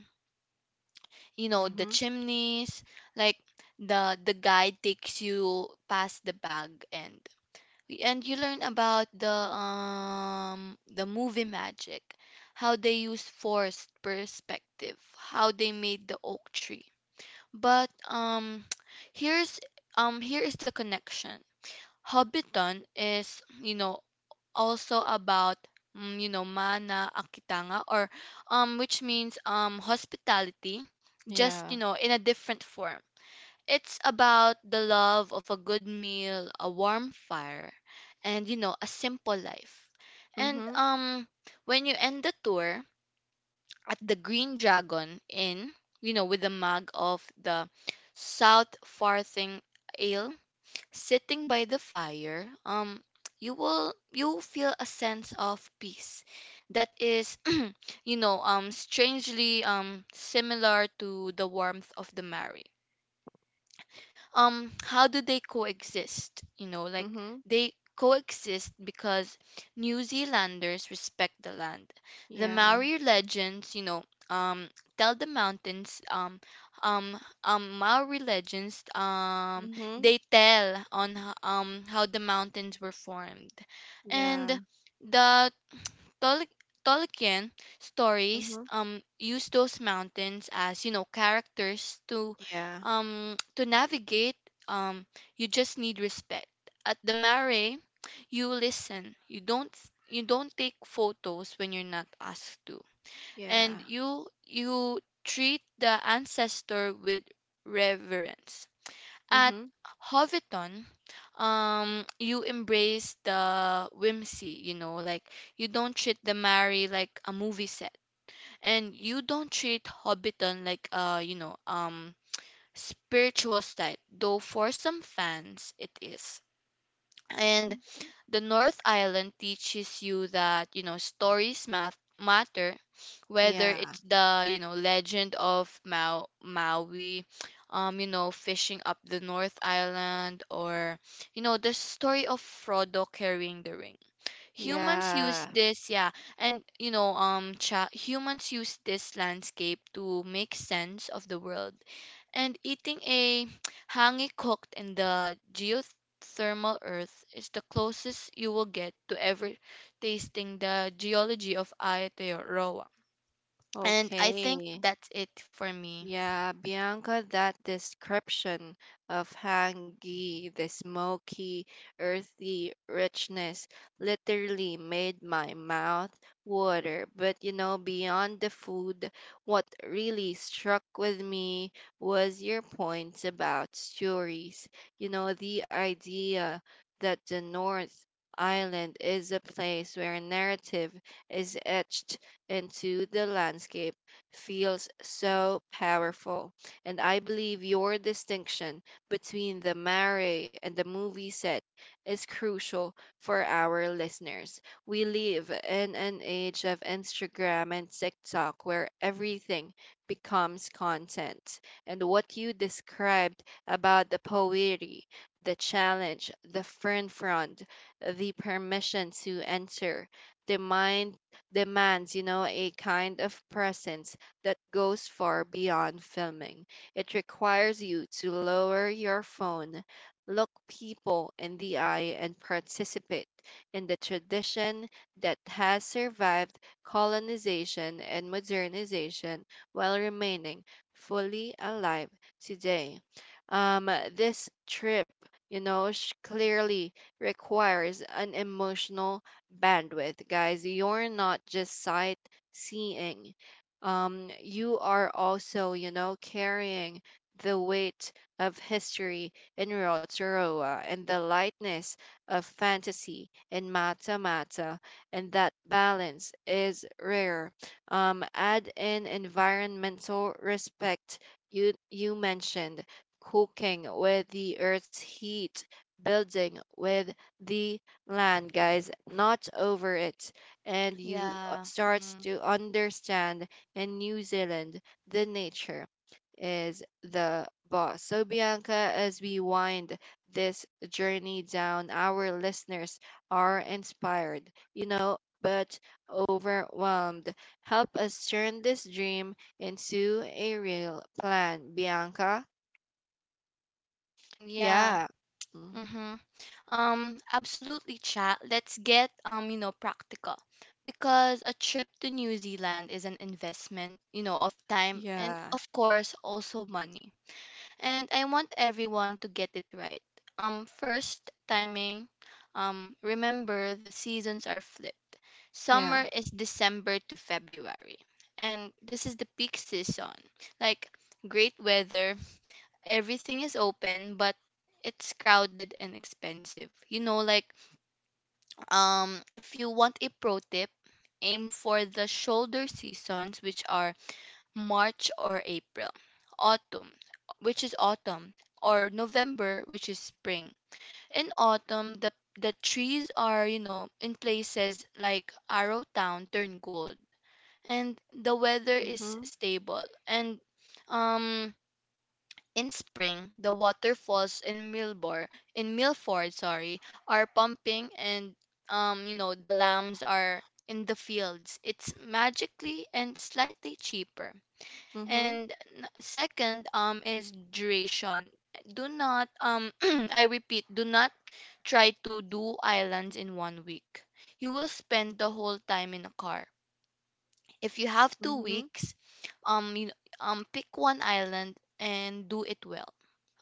Speaker 2: You know, the
Speaker 1: Mhm.
Speaker 2: chimneys, like the guide takes you past the bag and you learn about the movie magic, how they used forced perspective, how they made the oak tree. But here's here is the connection. Hobbiton is, you know, also about you know, mana akitanga, or which means hospitality, just you
Speaker 1: Yeah.
Speaker 2: know, in a different form. It's about the love of a good meal, a warm fire, and you know, a simple life. And
Speaker 1: Mhm.
Speaker 2: when you end the tour at the Green Dragon Inn, you know, with a mug of the South Farthing ale, sitting by the fire, you will feel a sense of peace that is you know, strangely similar to the warmth of the Mary. How do they coexist, you know? Like
Speaker 1: Mhm.
Speaker 2: they coexist because New Zealanders respect the land. The
Speaker 1: Yeah.
Speaker 2: Maori legends, you know, um tell the mountains maori legends
Speaker 1: Mhm.
Speaker 2: they tell on how the mountains were formed. And
Speaker 1: Yeah.
Speaker 2: the Tol- Tolkien stories
Speaker 1: Mhm.
Speaker 2: use those mountains as, you know, characters to
Speaker 1: Yeah.
Speaker 2: to navigate. um you just need respect. At the mare, you listen. You don't, you don't take photos when you're not asked to, and
Speaker 1: Yeah.
Speaker 2: you treat the ancestor with reverence. At
Speaker 1: Mhm.
Speaker 2: Hobbiton, you embrace the whimsy, you know, like you don't treat the Mary like a movie set, and you don't treat Hobbiton like a, you know, spiritual site, though for some fans it is. And
Speaker 1: Mhm.
Speaker 2: the North Island teaches you that, you know, stories math matter, whether
Speaker 1: Yeah.
Speaker 2: it's the, you know, legend of Maui, you know, fishing up the North Island, or you know, the story of Frodo carrying the ring. Humans use
Speaker 1: Yeah.
Speaker 2: this, yeah, and you know, humans use this landscape to make sense of the world. And eating a hangi cooked in the geothermal earth is the closest you will get to ever tasting the geology of Aotearoa. And I think
Speaker 1: Okay.
Speaker 2: that's it for me.
Speaker 1: Yeah, Bianca, that description of hangi, the smoky, earthy richness, literally made my mouth water. But you know, beyond the food, what really struck with me was your point about stories. You know, the idea that the North Island is a place where narrative is etched into the landscape feels so powerful. And I believe your distinction between the mare and the movie set is crucial for our listeners. We live in an age of Instagram and TikTok where everything becomes content. And what you described about the poetry, the challenge, the friend front, the permission to enter, the mind demands, you know, a kind of presence that goes far beyond filming. It requires you to lower your phone, look people in the eye, and participate in the tradition that has survived colonization and modernization while remaining fully alive today. Um, this trip, you know, clearly requires an emotional bandwidth, guys. You're not just sightseeing. You are also, you know, carrying the weight of history in Rotorua and the lightness of fantasy in Mata Mata, and that balance is rare. Add in environmental respect you mentioned, cooking with the earth's heat, building with the land, guys, not over it, and you
Speaker 2: Yeah.
Speaker 1: start to understand in New Zealand, the nature is the boss. So, Bianca, as we wind this journey down, our listeners are inspired, you know, but overwhelmed. Help us turn this dream into a real plan, Bianca.
Speaker 2: Yeah.
Speaker 1: Yeah. Mm.
Speaker 2: Mm-hmm. Absolutely, chat. Let's get, you know, practical. Because a trip to New Zealand is an investment, you know, of time and
Speaker 1: Yeah.
Speaker 2: of course also money. And I want everyone to get it right. First, timing. Remember the seasons are flipped.
Speaker 1: Yeah.
Speaker 2: Summer is December to February, and this is the peak season. Like great weather, everything is open, but it's crowded and expensive. You know, like if you want a pro tip, aim for the shoulder seasons, which are March or April. Autumn, which is autumn, or November, which is spring. In autumn, the trees are, you know, in places like Arrowtown turn gold, and the weather is
Speaker 1: Mm-hmm.
Speaker 2: stable. And um, in spring, the waterfalls in Milford, sorry, are pumping, and you know, the lambs are in the fields. It's magically and slightly cheaper.
Speaker 1: Mm-hmm.
Speaker 2: And second is duration. Do not, I repeat, do not try to do islands in 1 week. You will spend the whole time in a car. If you have 2
Speaker 1: Mm-hmm.
Speaker 2: weeks, you, pick one island and do it well.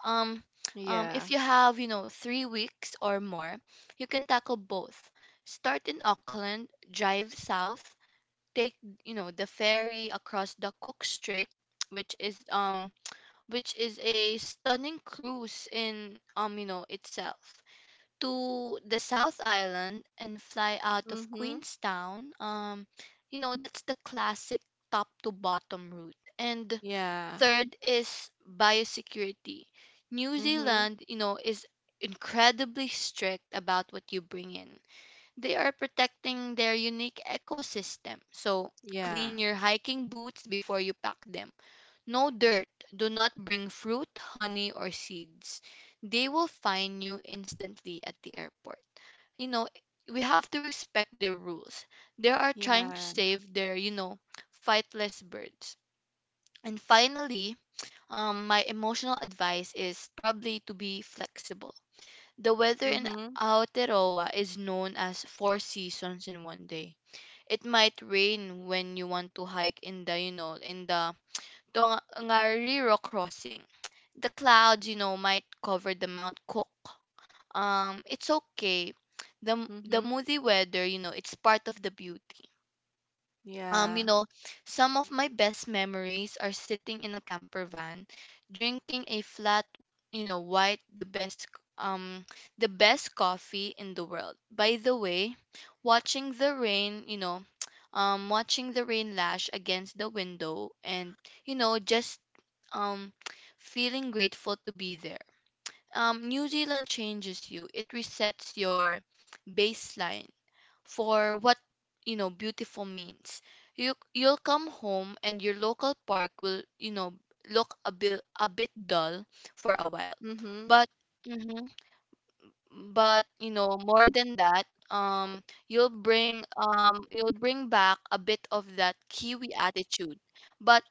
Speaker 2: Um
Speaker 1: Yeah.
Speaker 2: if you have, you know, 3 weeks or more, you can tackle both. Start in Auckland, drive south, take, you know, the ferry across the Cook Strait, which is a stunning cruise in, you know, itself, to the South Island, and fly out of
Speaker 1: Mm-hmm.
Speaker 2: Queenstown. You know, that's the classic top to bottom route. And
Speaker 1: Yeah.
Speaker 2: third is biosecurity. New
Speaker 1: Mm-hmm.
Speaker 2: Zealand, you know, is incredibly strict about what you bring in. They are protecting their unique ecosystem. So
Speaker 1: Yeah.
Speaker 2: clean your hiking boots before you pack them. No dirt. Do not bring fruit, honey, or seeds. They will fine you instantly at the airport. You know, we have to respect their rules. They are trying to
Speaker 1: Yeah.
Speaker 2: save their, you know, fightless birds. And finally, my emotional advice is probably to be flexible. The weather in
Speaker 1: Mm-hmm.
Speaker 2: Aotearoa is known as four seasons in 1 day. It might rain when you want to hike in the, you know, in the Tongariro crossing. The clouds, you know, might cover the Mount Cook. It's okay. The
Speaker 1: Mm-hmm.
Speaker 2: moody weather, you know, it's part of the beauty. You
Speaker 1: Yeah.
Speaker 2: know, some of my best memories are sitting in a camper van, drinking a flat, you know, white, the best um the best coffee in the world. By the way, watching the rain, you know, watching the rain lash against the window and, you know, just um feeling grateful to be there. New Zealand changes you. It resets your baseline for what, you know, beautiful means. You, you'll come home and your local park will, you know, look a bit dull for a while,
Speaker 1: Mm-hmm.
Speaker 2: but hmm but you know, more than that, you'll bring back a bit of that Kiwi attitude, but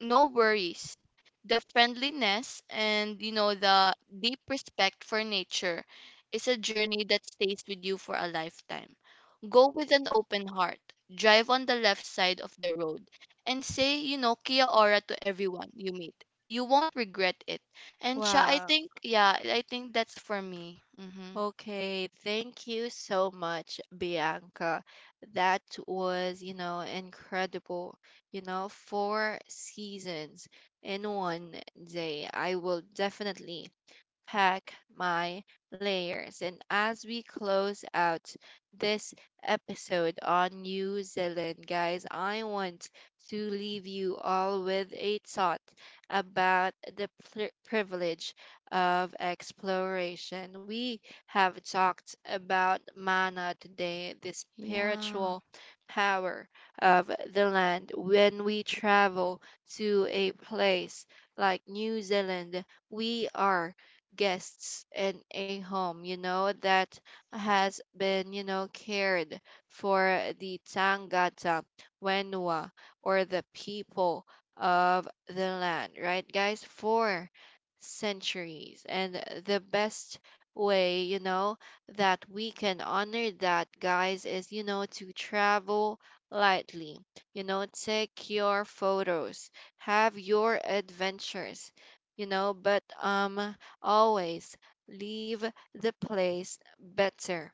Speaker 2: no worries, the friendliness and, you know, the deep respect for nature is a journey that stays with you for a lifetime. Go with an open heart, drive on the left side of the road, and say, you know, kia ora to everyone you meet. You won't regret it. And siya, i
Speaker 1: Wow.
Speaker 2: think yeah i think that's for me. Mm-hmm.
Speaker 1: Okay. Thank you so much, Bianca. That was, you know, incredible. You know, four seasons in one day. I will definitely pack my layers. And as we close out this episode on New Zealand, guys, I want to leave you all with a thought about the privilege of exploration. We have talked about mana today, the
Speaker 2: yeah
Speaker 1: spiritual power of the land. When we travel to a place like New Zealand, we are guests in a home, you know, that has been, you know, cared for the Tangata, Wenua, or the people of the land, right, guys? For centuries. And the best way, you know, that we can honor that, guys, is, you know, to travel lightly, you know, take your photos, have your adventures, you know, but always leave the place better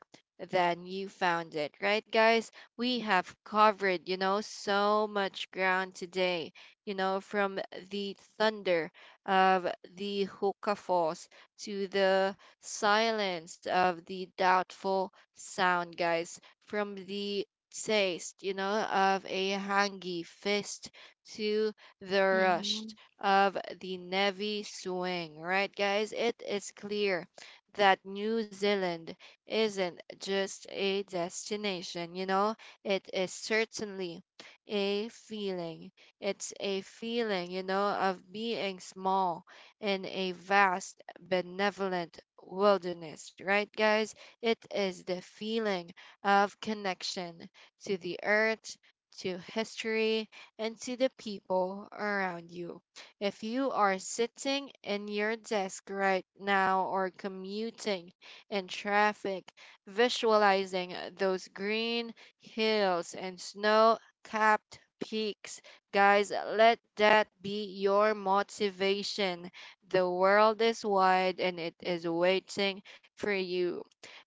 Speaker 1: than you found it, right, guys? We have covered, you know, so much ground today, you know, from the thunder of the Hoka Falls to the silence of the doubtful sound, guys, from the taste, you know, of a hangy fist to the rush
Speaker 2: mm-hmm.
Speaker 1: of the Navy Swing, right, guys? It is clear that New Zealand isn't just a destination, you know, it is certainly a feeling. It's a feeling, you know, of being small in a vast, benevolent wilderness, right, guys? It is the feeling of connection to the earth, to history, and to the people around you. If you are sitting in your desk right now or commuting in traffic, visualizing those green hills and snow capped peaks, guys, let that be your motivation. The world is wide and it is waiting for you.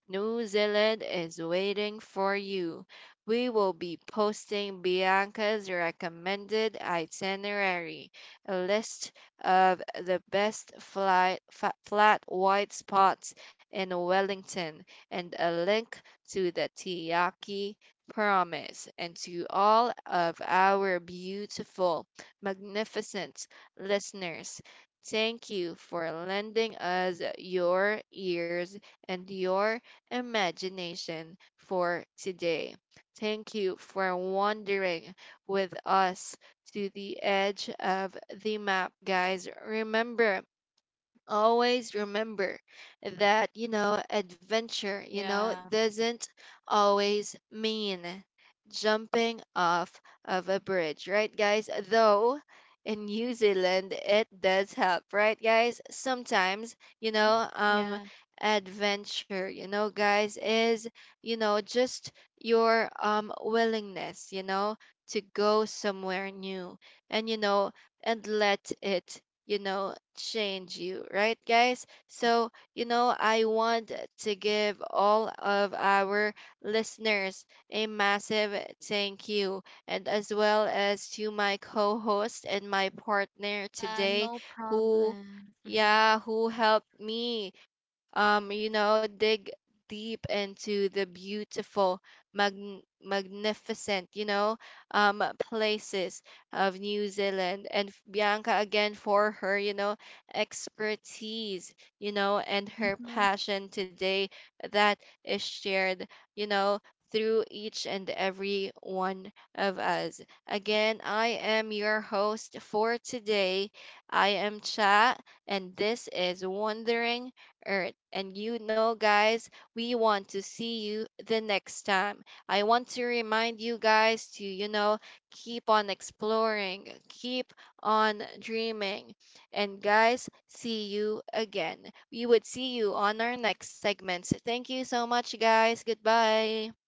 Speaker 1: New Zealand is waiting for you. We will be posting Bianca's recommended itinerary, a list of the best flat white spots in Wellington and a link to the Tiaki Promise and to all of our beautiful, magnificent listeners. Thank you for lending us your ears and your imagination for today. Thank you for wandering with us to the edge of the map, guys. Remember, always remember that, you know, adventure, you know,
Speaker 2: yeah
Speaker 1: doesn't always mean jumping off of a bridge, right, guys? Though in New Zealand, it does help, right, guys? Sometimes, you
Speaker 2: mm-hmm.
Speaker 1: know,
Speaker 2: yeah
Speaker 1: adventure, you know, guys, is, you know, just your willingness, you know, to go somewhere new and, you know, and let it, you know, change you, right, guys? So, you know, I want to give all of our listeners a massive thank you, and as well as to my co host and my partner
Speaker 2: yeah
Speaker 1: today
Speaker 2: no
Speaker 1: who,
Speaker 2: problem. Mm-hmm.
Speaker 1: yeah, who helped me you know, dig deep into the beautiful, magnificent, you know, places of New Zealand. And Bianca, again, for her, you know, expertise, you know, and her
Speaker 2: Mm-hmm.
Speaker 1: passion today that is shared, you know, through each and every one of us. Again, I am your host for today. I am Cha, and this is Wondering Earth. And you know, guys, we want to see you the next time. I want to remind you guys to, you know, keep on exploring, keep on dreaming. And, guys, see you again. We would see you on our next segments. Thank you so much, guys. Goodbye.